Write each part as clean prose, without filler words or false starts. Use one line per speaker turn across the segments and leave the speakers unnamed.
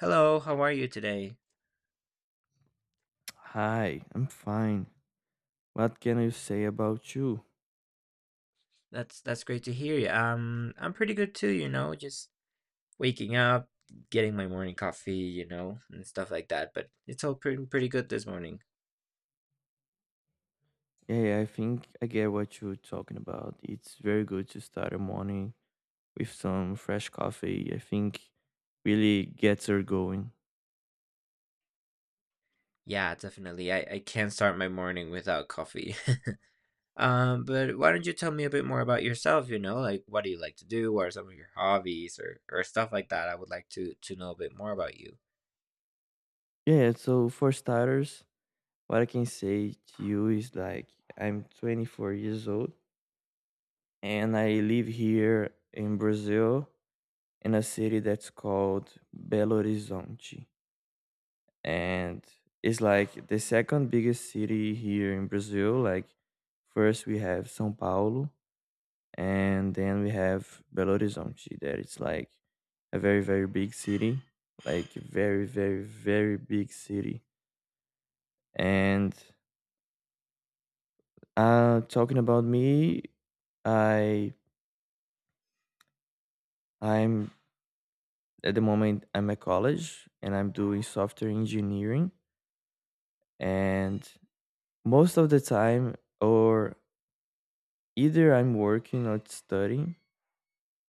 Hello, how are you today?
Hi, I'm fine. What can I say about you?
That's great to hear you. I'm pretty good too, you know, just waking up, getting my morning coffee, you know, and stuff like that. But it's all pretty good this morning.
Yeah, I think I get what you're talking about. It's very good to start a morning with some fresh coffee. I think really gets her going.
Yeah, definitely. I can't start my morning without coffee. But why don't you tell me a bit more about yourself, you know, like what do you like to do? What are some of your hobbies or stuff like that? I would like to know a bit more about you.
Yeah, so for starters, what I can say to you is like I'm 24 years old and I live here in Brazil in a city that's called Belo Horizonte. And it's like the second biggest city here in Brazil. Like first we have São Paulo, and then we have Belo Horizonte. That it's like a very big city, like very big city. And talking about me, I I'm at the moment I'm at college and I'm doing software engineering, and most of the time or either I'm working or studying.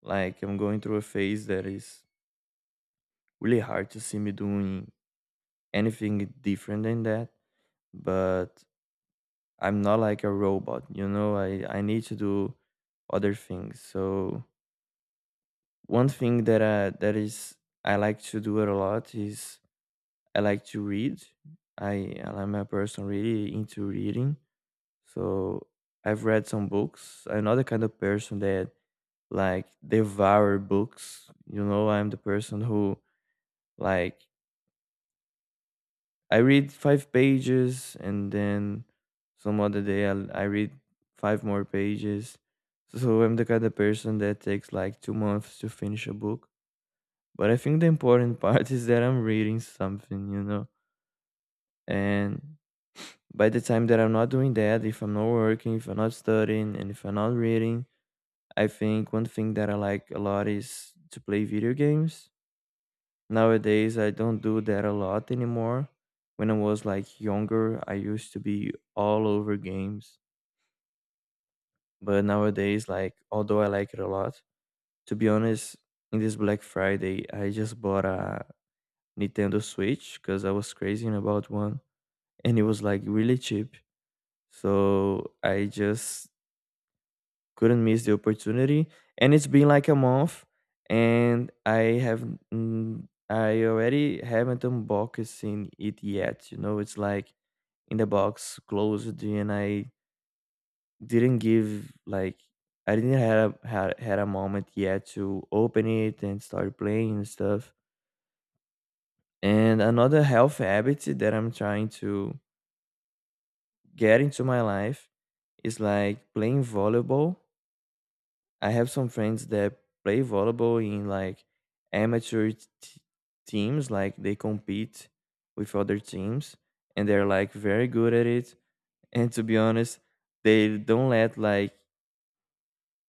Like, I'm going through a phase that is really hard to see me doing anything different than that. But I'm not like a robot, you know. I need to do other things. So one thing that is I like to do it a lot is I like to read. I'm a person really into reading. So I've read some books. I'm not the kind of person that like devour books. You know, I'm the person who like I read five pages and then some other day I read five more pages. So I'm the kind of person that takes like 2 months to finish a book. But I think the important part is that I'm reading something, you know? And by the time that I'm not doing that, if I'm not working, if I'm not studying, and if I'm not reading, I think one thing that I like a lot is to play video games. Nowadays, I don't do that a lot anymore. When I was like younger, I used to be all over games. But nowadays, like, although I like it a lot, to be honest, in this Black Friday, I just bought a Nintendo Switch because I was crazy about one and it was like really cheap. So I just couldn't miss the opportunity. And it's been like a month, and I have I already haven't unboxing it yet. You know, it's like in the box closed, and I didn't give like I didn't had a moment yet to open it and start playing and stuff. And another health habit that I'm trying to get into my life is like playing volleyball. I have some friends that play volleyball in like amateur teams, like they compete with other teams and they're like very good at it. And to be honest, they don't let like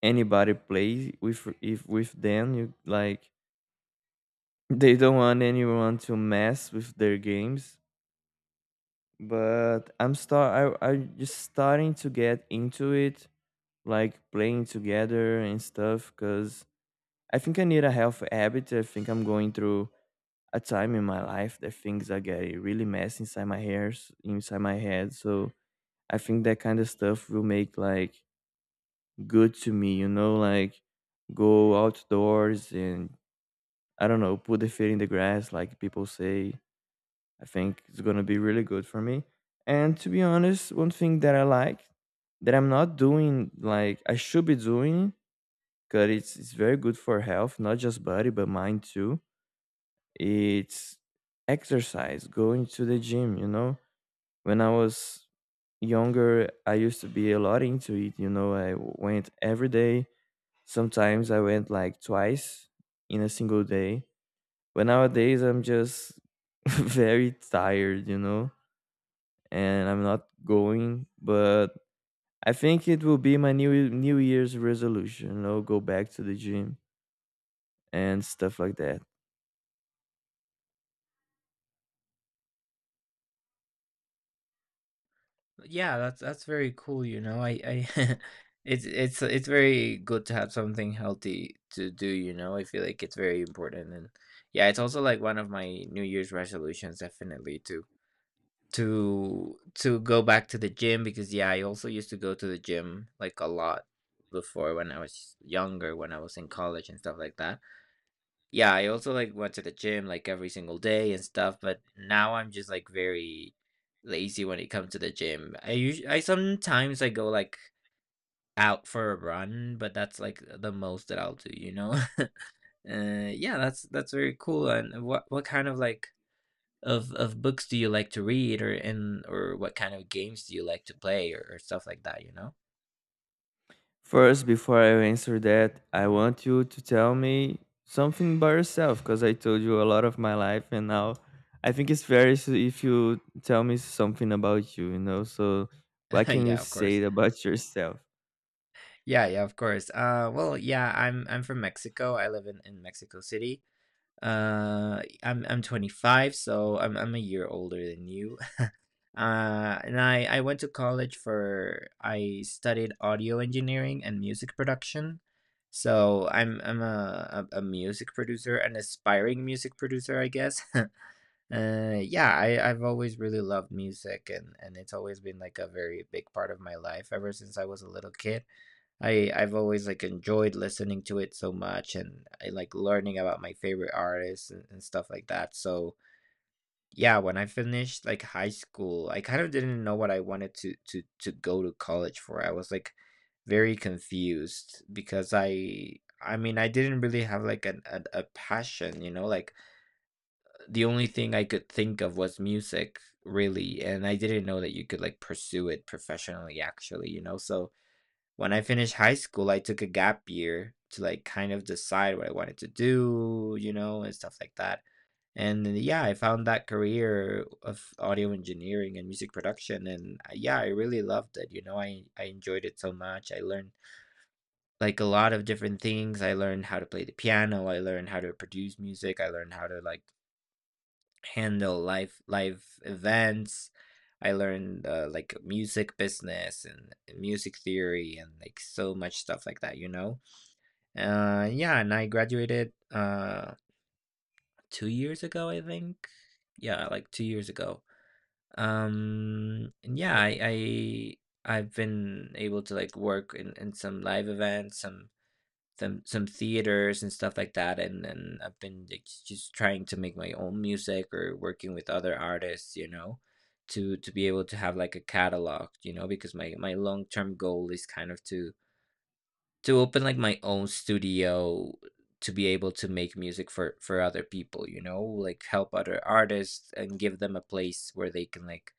anybody play with if with them. You like they don't want anyone to mess with their games. But I'm just starting to get into it, like playing together and stuff, cause I think I need a health habit. I think I'm going through a time in my life that things are getting really messy inside my hairs, inside my head. So I think that kind of stuff will make like good to me, you know, like go outdoors and I don't know, put the feet in the grass, like people say. I think it's gonna be really good for me. And to be honest, one thing that I like that I'm not doing like I should be doing because it's very good for health, not just body but mind too. It's exercise, going to the gym, you know? When I was younger, I used to be a lot into it, you know? I went every day. Sometimes I went like twice in a single day. But nowadays, I'm just very tired, you know? And I'm not going, but I think it will be my new New Year's resolution, you know, go back to the gym and stuff like that.
Yeah, that's very cool, you know. I it's very good to have something healthy to do, you know. I feel like it's very important, and yeah, it's also like one of my New Year's resolutions, definitely to go back to the gym, because yeah, I also used to go to the gym like a lot before, when I was younger, when I was in college and stuff like that. Yeah, I also like went to the gym like every single day and stuff, but now I'm just like very lazy when it comes to the gym. I sometimes I go like out for a run, but that's like the most that I'll do, you know? Yeah, that's very cool. And what kind of like of books do you like to read, or and or what kind of games do you like to play, or stuff like that, you know?
First, before I answer that, I want you to tell me something by yourself because I told you a lot of my life, and now I think it's fair if you tell me something about you, you know. So, what can you
Yeah, of course.
say about yourself?
Yeah, yeah, of course. Well, yeah, I'm from Mexico. I live in Mexico City. I'm 25, so I'm a year older than you. And I went to college for I studied audio engineering and music production, so I'm a music producer, an aspiring music producer, I guess. Yeah, I've always really loved music, and it's always been like a very big part of my life ever since I was a little kid. I've always like enjoyed listening to it so much, and I like learning about my favorite artists and stuff like that. So yeah, when I finished like high school, I kind of didn't know what I wanted to go to college for. I was like very confused because I mean I didn't really have like an, a passion, you know, like the only thing I could think of was music, really, and I didn't know that you could like pursue it professionally, actually, you know. So when I finished high school, I took a gap year to, like, kind of decide what I wanted to do, you know, and stuff like that. And then, yeah, I found that career of audio engineering and music production, and yeah, I really loved it. You know, I enjoyed it so much. I learned like a lot of different things. I learned how to play the piano. I learned how to produce music. I learned how to like handle live events. I learned like music business and music theory and like so much stuff like that, you know. Yeah, and I graduated 2 years ago, I think. Yeah, like 2 years ago. And yeah, I've been able to like work in some live events, some theaters and stuff like that, and then I've been like just trying to make my own music or working with other artists, you know, to be able to have like a catalog, you know, because my long-term goal is kind of to open like my own studio, to be able to make music for other people, you know, like help other artists and give them a place where they can like,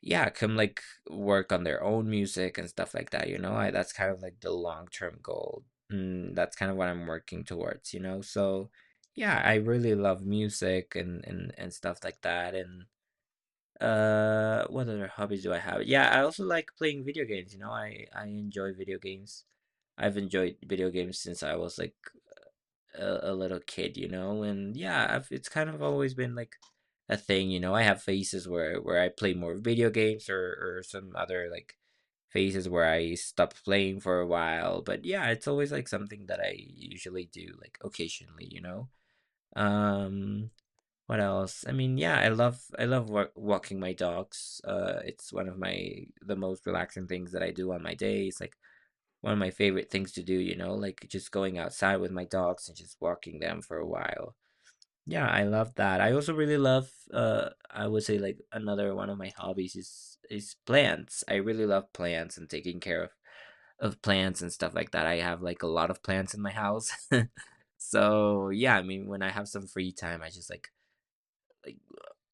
yeah, come like work on their own music and stuff like that, you know. That's kind of like the long term goal. That's kind of what I'm working towards, you know. So yeah, I really love music and stuff like that. And what other hobbies do I have? Yeah, I also like playing video games. You know, I enjoy video games. I've enjoyed video games since I was like a little kid, you know, and yeah, it's kind of always been like a thing, you know. I have phases where I play more video games, or some other like phases where I stop playing for a while, but yeah, it's always like something that I usually do like occasionally, you know. Um, what else? I mean, yeah, I love walking my dogs. It's one of my the most relaxing things that I do on my days. Like one of my favorite things to do, you know, like just going outside with my dogs and just walking them for a while. Yeah, I love that. I also really love, I would say, like another one of my hobbies is plants. I really love plants and taking care of plants and stuff like that. I have like a lot of plants in my house. So, yeah, I mean when I have some free time, I just like,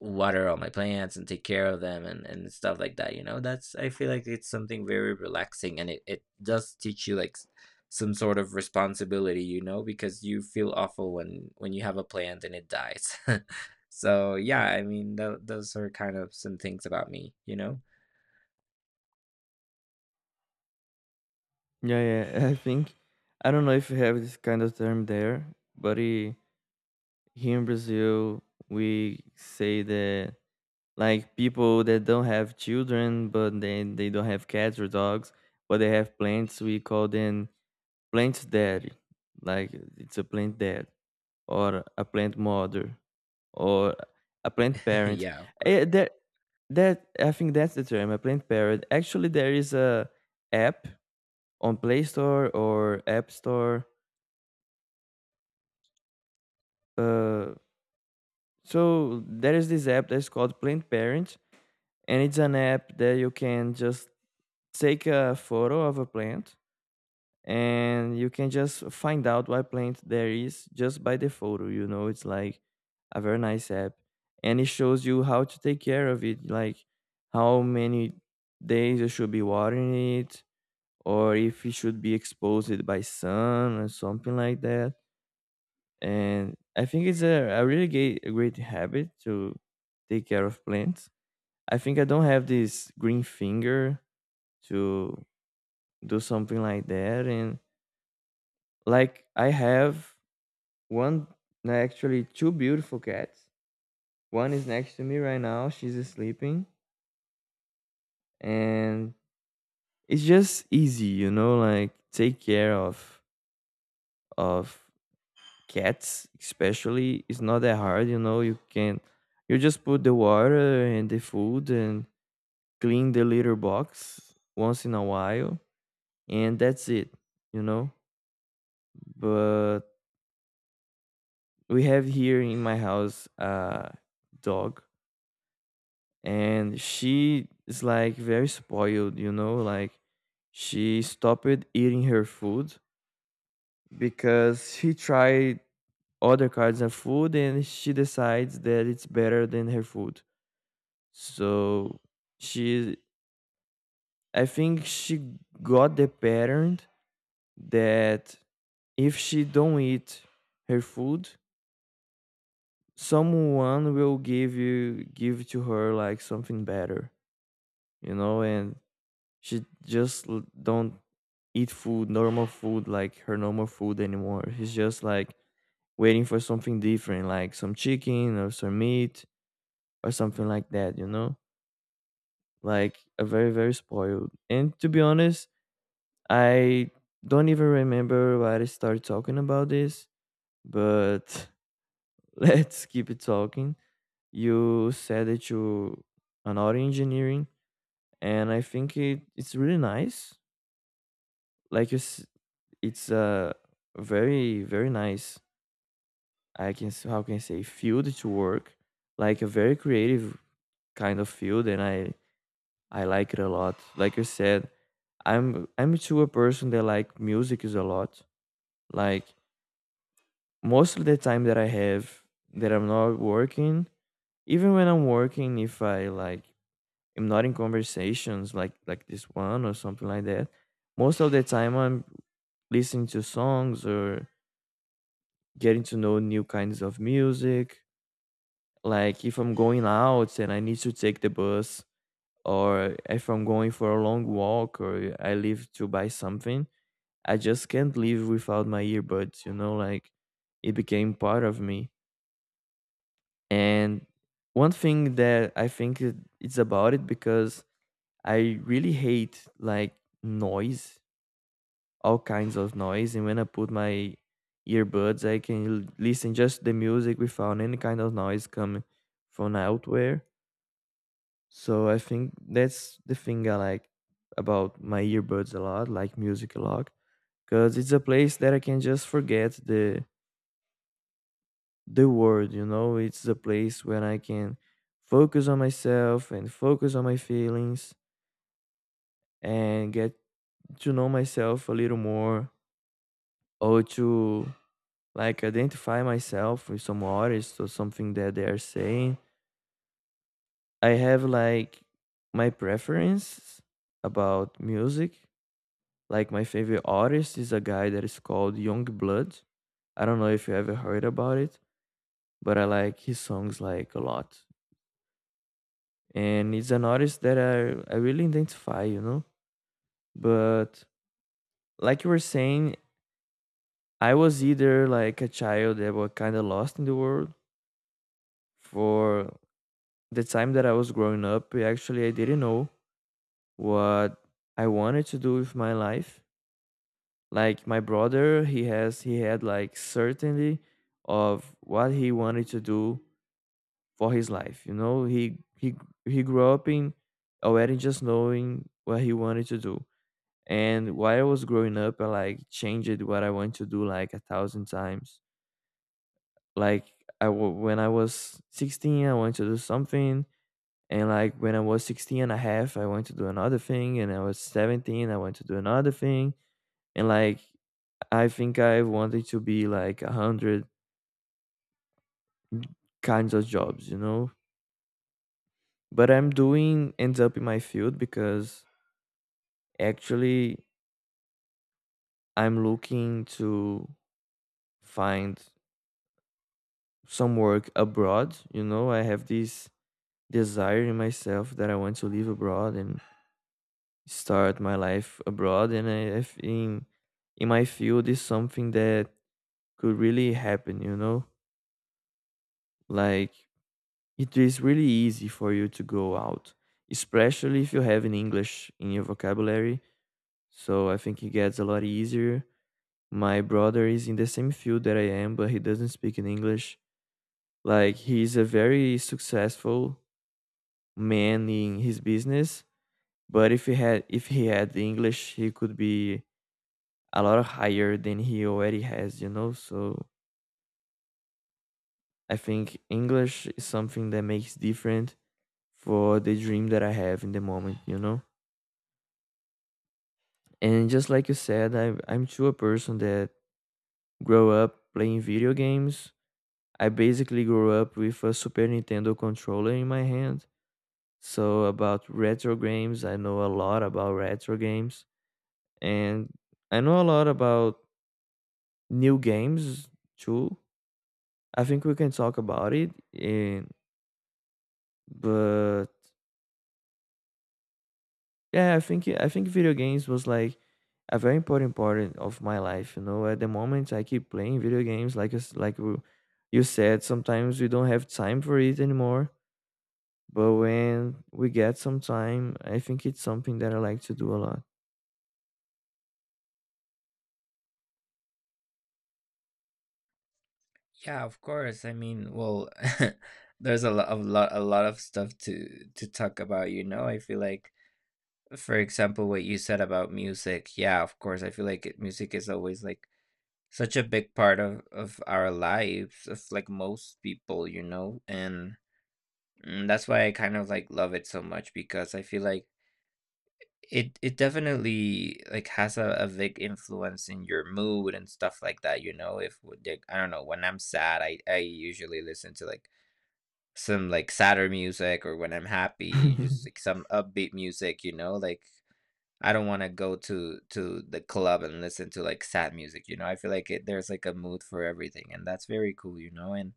water all my plants and take care of them and stuff like that, you know. That's, I feel like, it's something very relaxing, and it does teach you like some sort of responsibility, you know, because you feel awful when you have a plant and it dies. So yeah, I mean those are kind of some things about me, you know.
Yeah, yeah. I think I don't know if you have this kind of term there, but here in Brazil, we say that like people that don't have children, but they don't have cats or dogs, but they have plants. We call them plant daddy, like it's a plant dad or a plant mother or a plant parent.
Yeah, of course.
That that I think that's the term, a plant parent. Actually, there is a app on Play Store or App Store. Uh, so there is this app that's called Plant Parent, and it's an app that you can just take a photo of a plant and you can just find out what plant there is just by the photo. You know, it's like a very nice app and it shows you how to take care of it, like how many days you should be watering it or if it should be exposed by sun or something like that. And I think it's a really a great habit to take care of plants. I think I don't have this green finger to do something like that. And like I have one, no, actually, two beautiful cats. One is next to me right now. She's sleeping, and it's just easy, you know. Like take care of cats, especially. It's not that hard, you know. You can, you just put the water and the food and clean the litter box once in a while, and that's it, you know. But we have here in my house a dog and she is like very spoiled, you know, like she stopped eating her food because she tried other kinds of food and she decides that it's better than her food. So she, I think she got the pattern that if she don't eat her food someone will give you give to her like something better, you know. And she just don't eat food, normal food, like her normal food anymore. She's just like waiting for something different, like some chicken or some meat or something like that, you know? Like a very spoiled. And to be honest, I don't even remember why I started talking about this, but let's keep it talking. You said that you an audio engineering, and I think it's really nice. Like it's a very nice, I can how can I say field to work, like a very creative kind of field. And I like it a lot. Like I said, I'm to a person that like music is a lot. Like most of the time that I have that I'm not working, even when I'm working, if I like am not in conversations like this one or something like that, most of the time I'm listening to songs or getting to know new kinds of music. Like if I'm going out and I need to take the bus, or if I'm going for a long walk, or I leave to buy something, I just can't leave without my earbuds, you know, like it became part of me. And one thing that I think it's about it because I really hate like noise, all kinds of noise. And when I put my earbuds, I can listen just the music without any kind of noise coming from outwhere. So I think that's the thing I like about my earbuds a lot, like music a lot, because it's a place that I can just forget the world, you know. It's a place where I can focus on myself and focus on my feelings and get to know myself a little more or to like identify myself with some artist or something that they are saying. I have like my preference about music. Like my favorite artist is a guy that is called Young Blood. I don't know if you ever heard about it, but I like his songs like a lot. And he's an artist that I really identify, you know? But like you were saying, I was either like a child that was kind of lost in the world for the time that I was growing up. Actually, I didn't know what I wanted to do with my life. Like my brother, he had like certainty of what he wanted to do for his life. You know, he grew up in already just knowing what he wanted to do. And while I was growing up, I like changed what I wanted to do like a thousand times. Like when I was 16, I wanted to do something. And like when I was 16 and a half, I wanted to do another thing. And I was 17, I wanted to do another thing. And like I think I wanted to be like 100 kinds of jobs, you know? But I'm doing ends up in my field because Actually, I'm looking to find some work abroad. You know, I have this desire in myself that I want to live abroad and start my life abroad. And I think in my field is something that could really happen, you know? Like, it is really easy for you to go out, especially if you have an English in your vocabulary. So I think it gets a lot easier. My brother is in the same field that I am, but he doesn't speak in English. Like he's a very successful man in his business, but if he had the English, he could be a lot higher than he already has, you know? So I think English is something that makes different for the dream that I have in the moment, you know? And just like you said, I'm too a person that grow up playing video games. I basically grew up with a Super Nintendo controller in my hand. So about retro games, I know a lot about retro games, and I know a lot about new games too. I think we can talk about it and but yeah, I think video games was like a very important part of my life, you know. At the moment I keep playing video games. Like it's like you said, sometimes we don't have time for it anymore, but when we get some time, I think it's something that I like to do a lot.
Yeah, of course, I mean, well, there's a lot of stuff to talk about, you know. I feel like, for example, what you said about music, yeah, of course, I feel like music is always like such a big part of our lives, of like most people, you know, and that's why I kind of like love it so much, because I feel like it definitely like has a big influence in your mood and stuff like that, you know. If like, I don't know, when I'm sad, I usually listen to like some like sadder music, or when I'm happy, just like some upbeat music, you know, like I don't wanna go to the club and listen to, like, sad music. You know, I feel like it there's, like, a mood for everything, and that's very cool, you know. And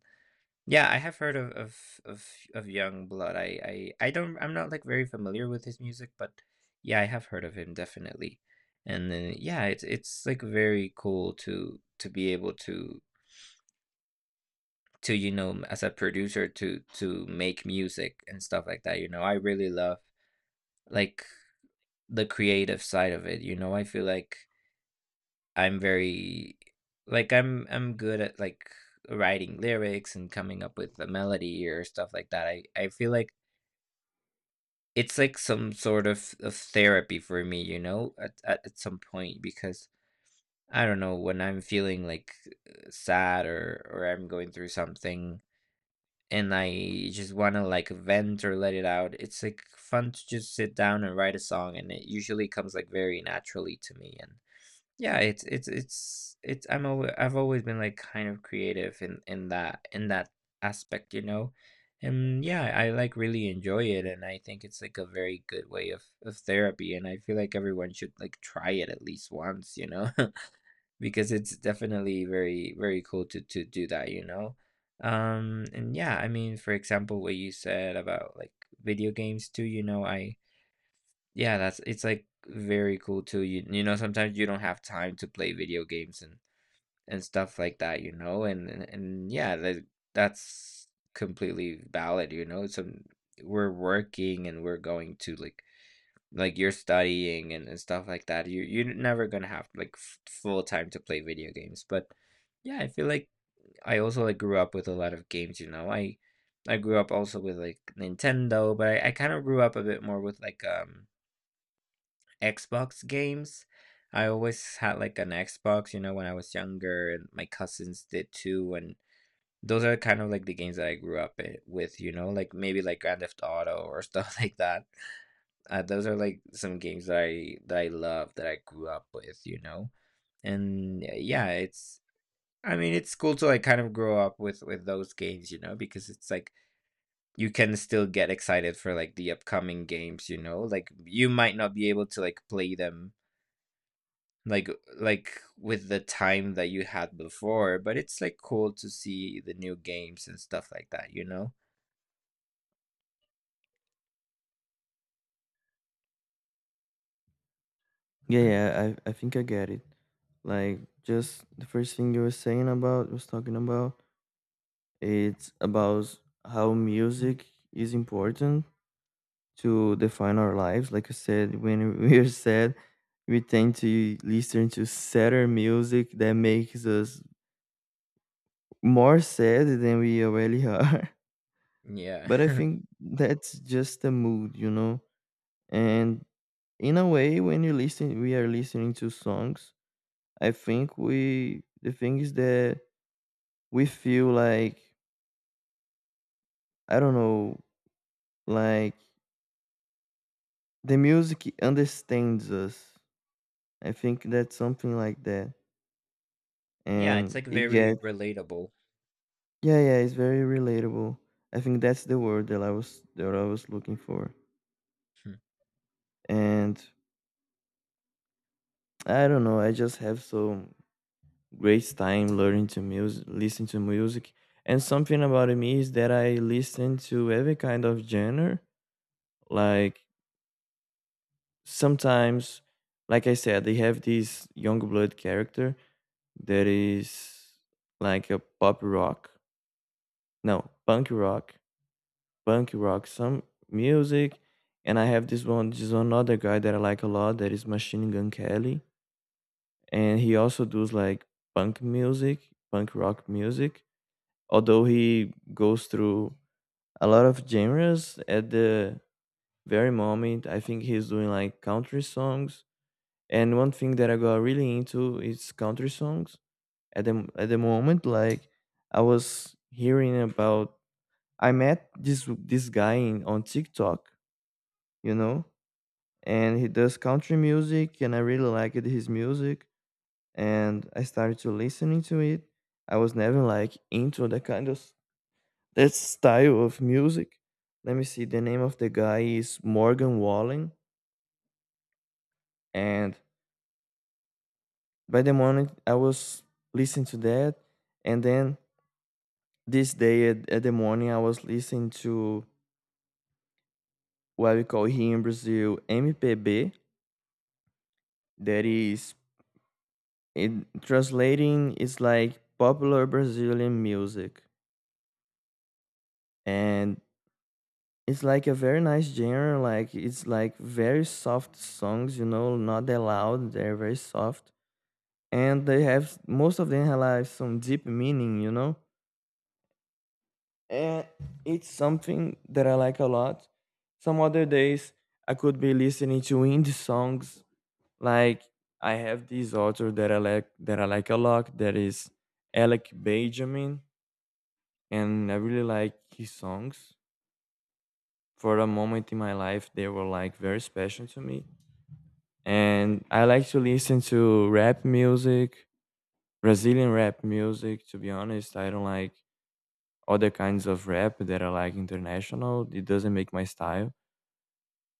yeah, I have heard of Young Blood. I'm not, like, very familiar with his music, but yeah, I have heard of him, definitely. And then, yeah, it's, like, very cool to be able to, you know, as a producer to make music and stuff like that, you know. I really love, like, the creative side of it, you know. I feel like I'm very like I'm good at like writing lyrics and coming up with a melody or stuff like that. I feel like it's like some sort of therapy for me, you know, at some point, because I don't know, when I'm feeling like sad, or I'm going through something, and I just want to like vent or let it out. It's like fun to just sit down and write a song, and it usually comes like very naturally to me. Yeah, it's I'm alwa I've always been, like, kind of creative in that aspect, you know? And, yeah, I, like, really enjoy it, and I think it's, like, a very good way of therapy, and I feel like everyone should, like, try it at least once, you know? Because it's definitely very, very cool to do that, you know? And, yeah, I mean, for example, what you said about, like, video games too, you know, I yeah, that's it's like very cool too. You know, sometimes you don't have time to play video games and stuff like that, you know? And yeah, that's completely valid, you know? Some We're working and we're going to like you're studying and stuff like that. You're never going to have like full time to play video games, but yeah, I feel like I also like grew up with a lot of games, you know. I grew up also with like Nintendo, but I kind of grew up a bit more with like Xbox games. I always had like an Xbox, you know, when I was younger, and my cousins did too. And those are kind of like the games that I grew up with, you know, like maybe like Grand Theft Auto or stuff like that. Those are like some games that I love, that I grew up with, you know. And yeah, it's I mean it's cool to like kind of grow up with those games, you know, because it's like you can still get excited for like the upcoming games, you know. Like you might not be able to like play them like like with the time that you had before, but it's like cool to see the new games and stuff like that, you know.
Yeah, yeah, I think I get it. Like just the first thing you were saying about was talking about it's about how music is important to define our lives. Like I said, when we're sad, we tend to listen to sadder music that makes us more sad than we already are.
Yeah.
But I think that's just the mood, you know? And in a way when you listen we are listening to songs, I think we the thing is that we feel like, I don't know, like the music understands us. I think that's something like that.
Yeah, it's
And
like
it
very
gets,
relatable.
yeah, yeah, it's very relatable. I think that's the word that I was looking for. And I don't know, I just have so great time learning to music listen to music. And something about me is that I listen to every kind of genre. Like sometimes, like I said, they have this young blood character that is like a pop rock, no, punk rock, some music. And I have this one other guy that I like a lot that is Machine Gun Kelly. And he also does like punk rock music, although he goes through a lot of genres at the very moment. I think he's doing like country songs. And one thing that I got really into is country songs at the moment. Like I was hearing about, I met this guy on TikTok, you know, and he does country music, and I really liked his music, and I started to listening to it. I was never like into that kind of that style of music. Let me see. The name of the guy is Morgan Wallen, and by the moment I was listening to that, and then this day at the morning I was listening to what we call here in Brazil MPB. That is, in translating, it's like popular Brazilian music, and it's like a very nice genre. Like it's like very soft songs, you know, not that loud. They're very soft, and they have most of them have like some deep meaning, you know. And it's something that I like a lot. Some other days I could be listening to indie songs. Like I have this author that I like a lot that is Alec Benjamin, and I really like his songs. For a moment in my life they were like very special to me. And I like to listen to rap music, Brazilian rap music to be honest. I don't like other kinds of rap that are like international. It doesn't make my style.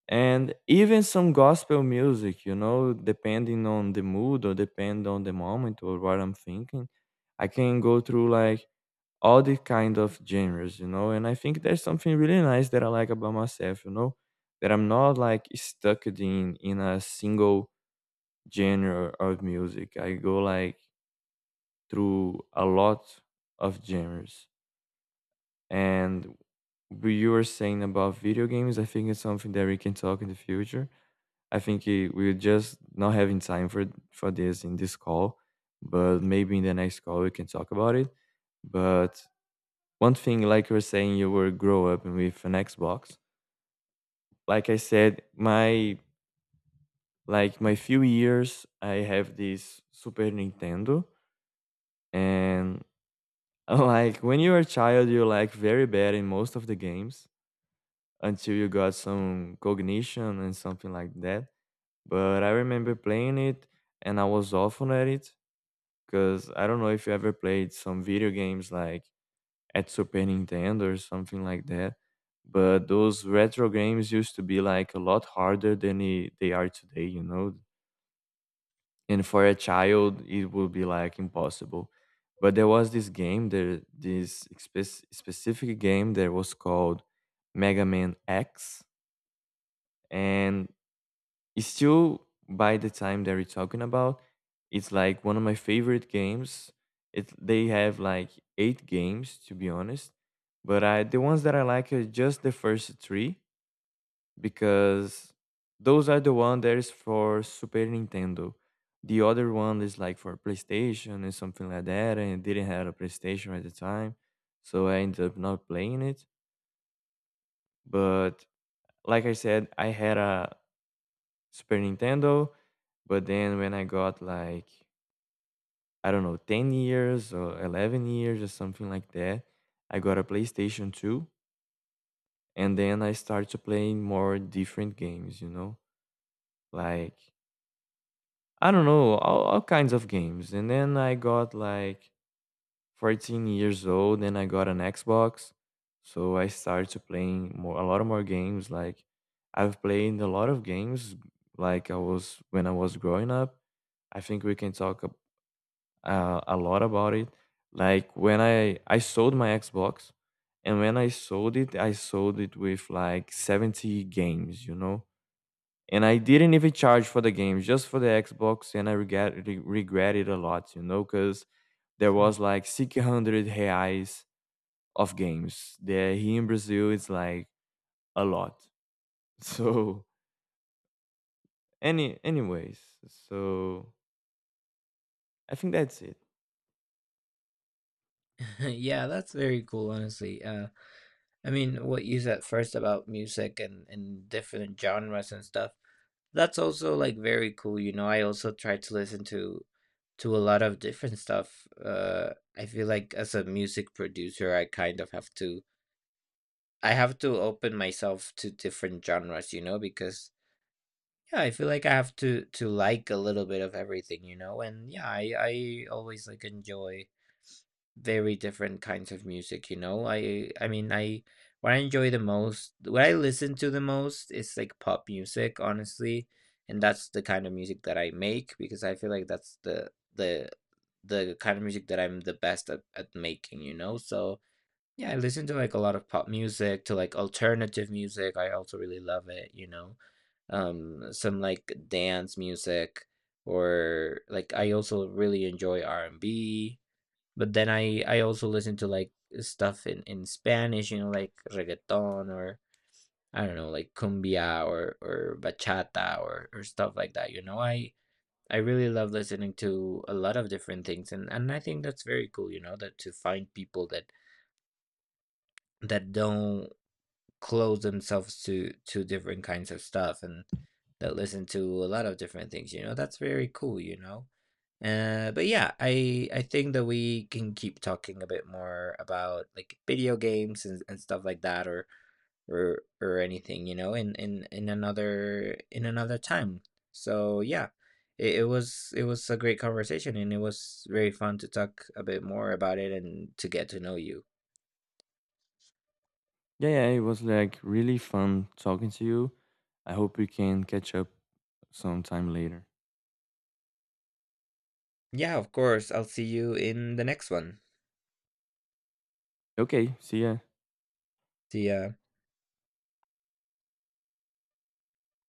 And even some gospel music, you know, depending on the mood or depend on the moment or what I'm thinking, I can go through like all the kind of genres, you know. And I think there's something really nice that I like about myself, you know, that I'm not like stuck in a single genre of music. I go like through a lot of genres. And what you were saying about video games, I think it's something that we can talk in the future. I think we're just not having time for this in this call, but maybe in the next call we can talk about it. But one thing, like you were saying, you were grow up with an Xbox. Like I said, my few years, I have this Super Nintendo, and like when you were a child, you're like very bad in most of the games until you got some cognition and something like that. But I remember playing it, and I was awful at it. Because I don't know if you ever played some video games like at Super Nintendo or something like that, but those retro games used to be like a lot harder than they are today, you know? And for a child, it would be like impossible. But there was this game, there this specific game that was called Mega Man X, and it's still by the time that we're talking about, it's like one of my favorite games. It They have like 8 games to be honest, but I the ones that I like are just the first three, because those are the one that is for Super Nintendo. The other one is like for PlayStation and something like that, and it didn't have a PlayStation at the time, so I ended up not playing it. But like I said, I had a Super Nintendo. But then when I got like, I don't know, 10 years or 11 years or something like that, I got a PlayStation 2, and then I started playing more different games, you know? Like I don't know, all kinds of games. And then I got like 14 years old and I got an Xbox. So I started playing more a lot of more games. Like I've played a lot of games like I was when I was growing up. I think we can talk a lot about it. Like when I sold my Xbox, and when I sold it with like 70 games, you know. And I didn't even charge for the games, just for the Xbox, and I regret it a lot, you know, because there
Hmm.
was like 600 reais of games. There here in Brazil, it's like a lot. So anyways, so I think that's it.
Yeah, that's very cool, honestly. I mean, what you said first about music and different genres and stuff, that's also like very cool, you know. I also try to listen to a lot of different stuff. I feel like, as a music producer, I kind of have to open myself to different genres, you know, because yeah, I feel like I have to like a little bit of everything, you know. And yeah, I always like enjoy very different kinds of music, you know. I mean, I what I enjoy the most, what I listen to the most, is like pop music, honestly, and that's the kind of music that I make, because I feel like that's the kind of music that I'm the best at making, you know. So yeah, I listen to like a lot of pop music, to like alternative music. I also really love it, you know. Some like dance music, or like I also really enjoy R&B, but then I also listen to like stuff in Spanish, you know, like reggaeton, or I don't know, like cumbia or bachata or stuff like that, you know. I really love listening to a lot of different things, and I think that's very cool, you know, that to find people that don't close themselves to different kinds of stuff, and that listen to a lot of different things, you know. That's very cool, you know. But yeah, I think that we can keep talking a bit more about like video games and stuff like that, or or anything, you know, in another time. So yeah, it was a great conversation, and it was very fun to talk a bit more about it and to get to know you.
Yeah, yeah, it was like really fun talking to you. I hope we can catch up sometime later.
Yeah, of course. I'll see you in the next one.
Okay, see ya.
The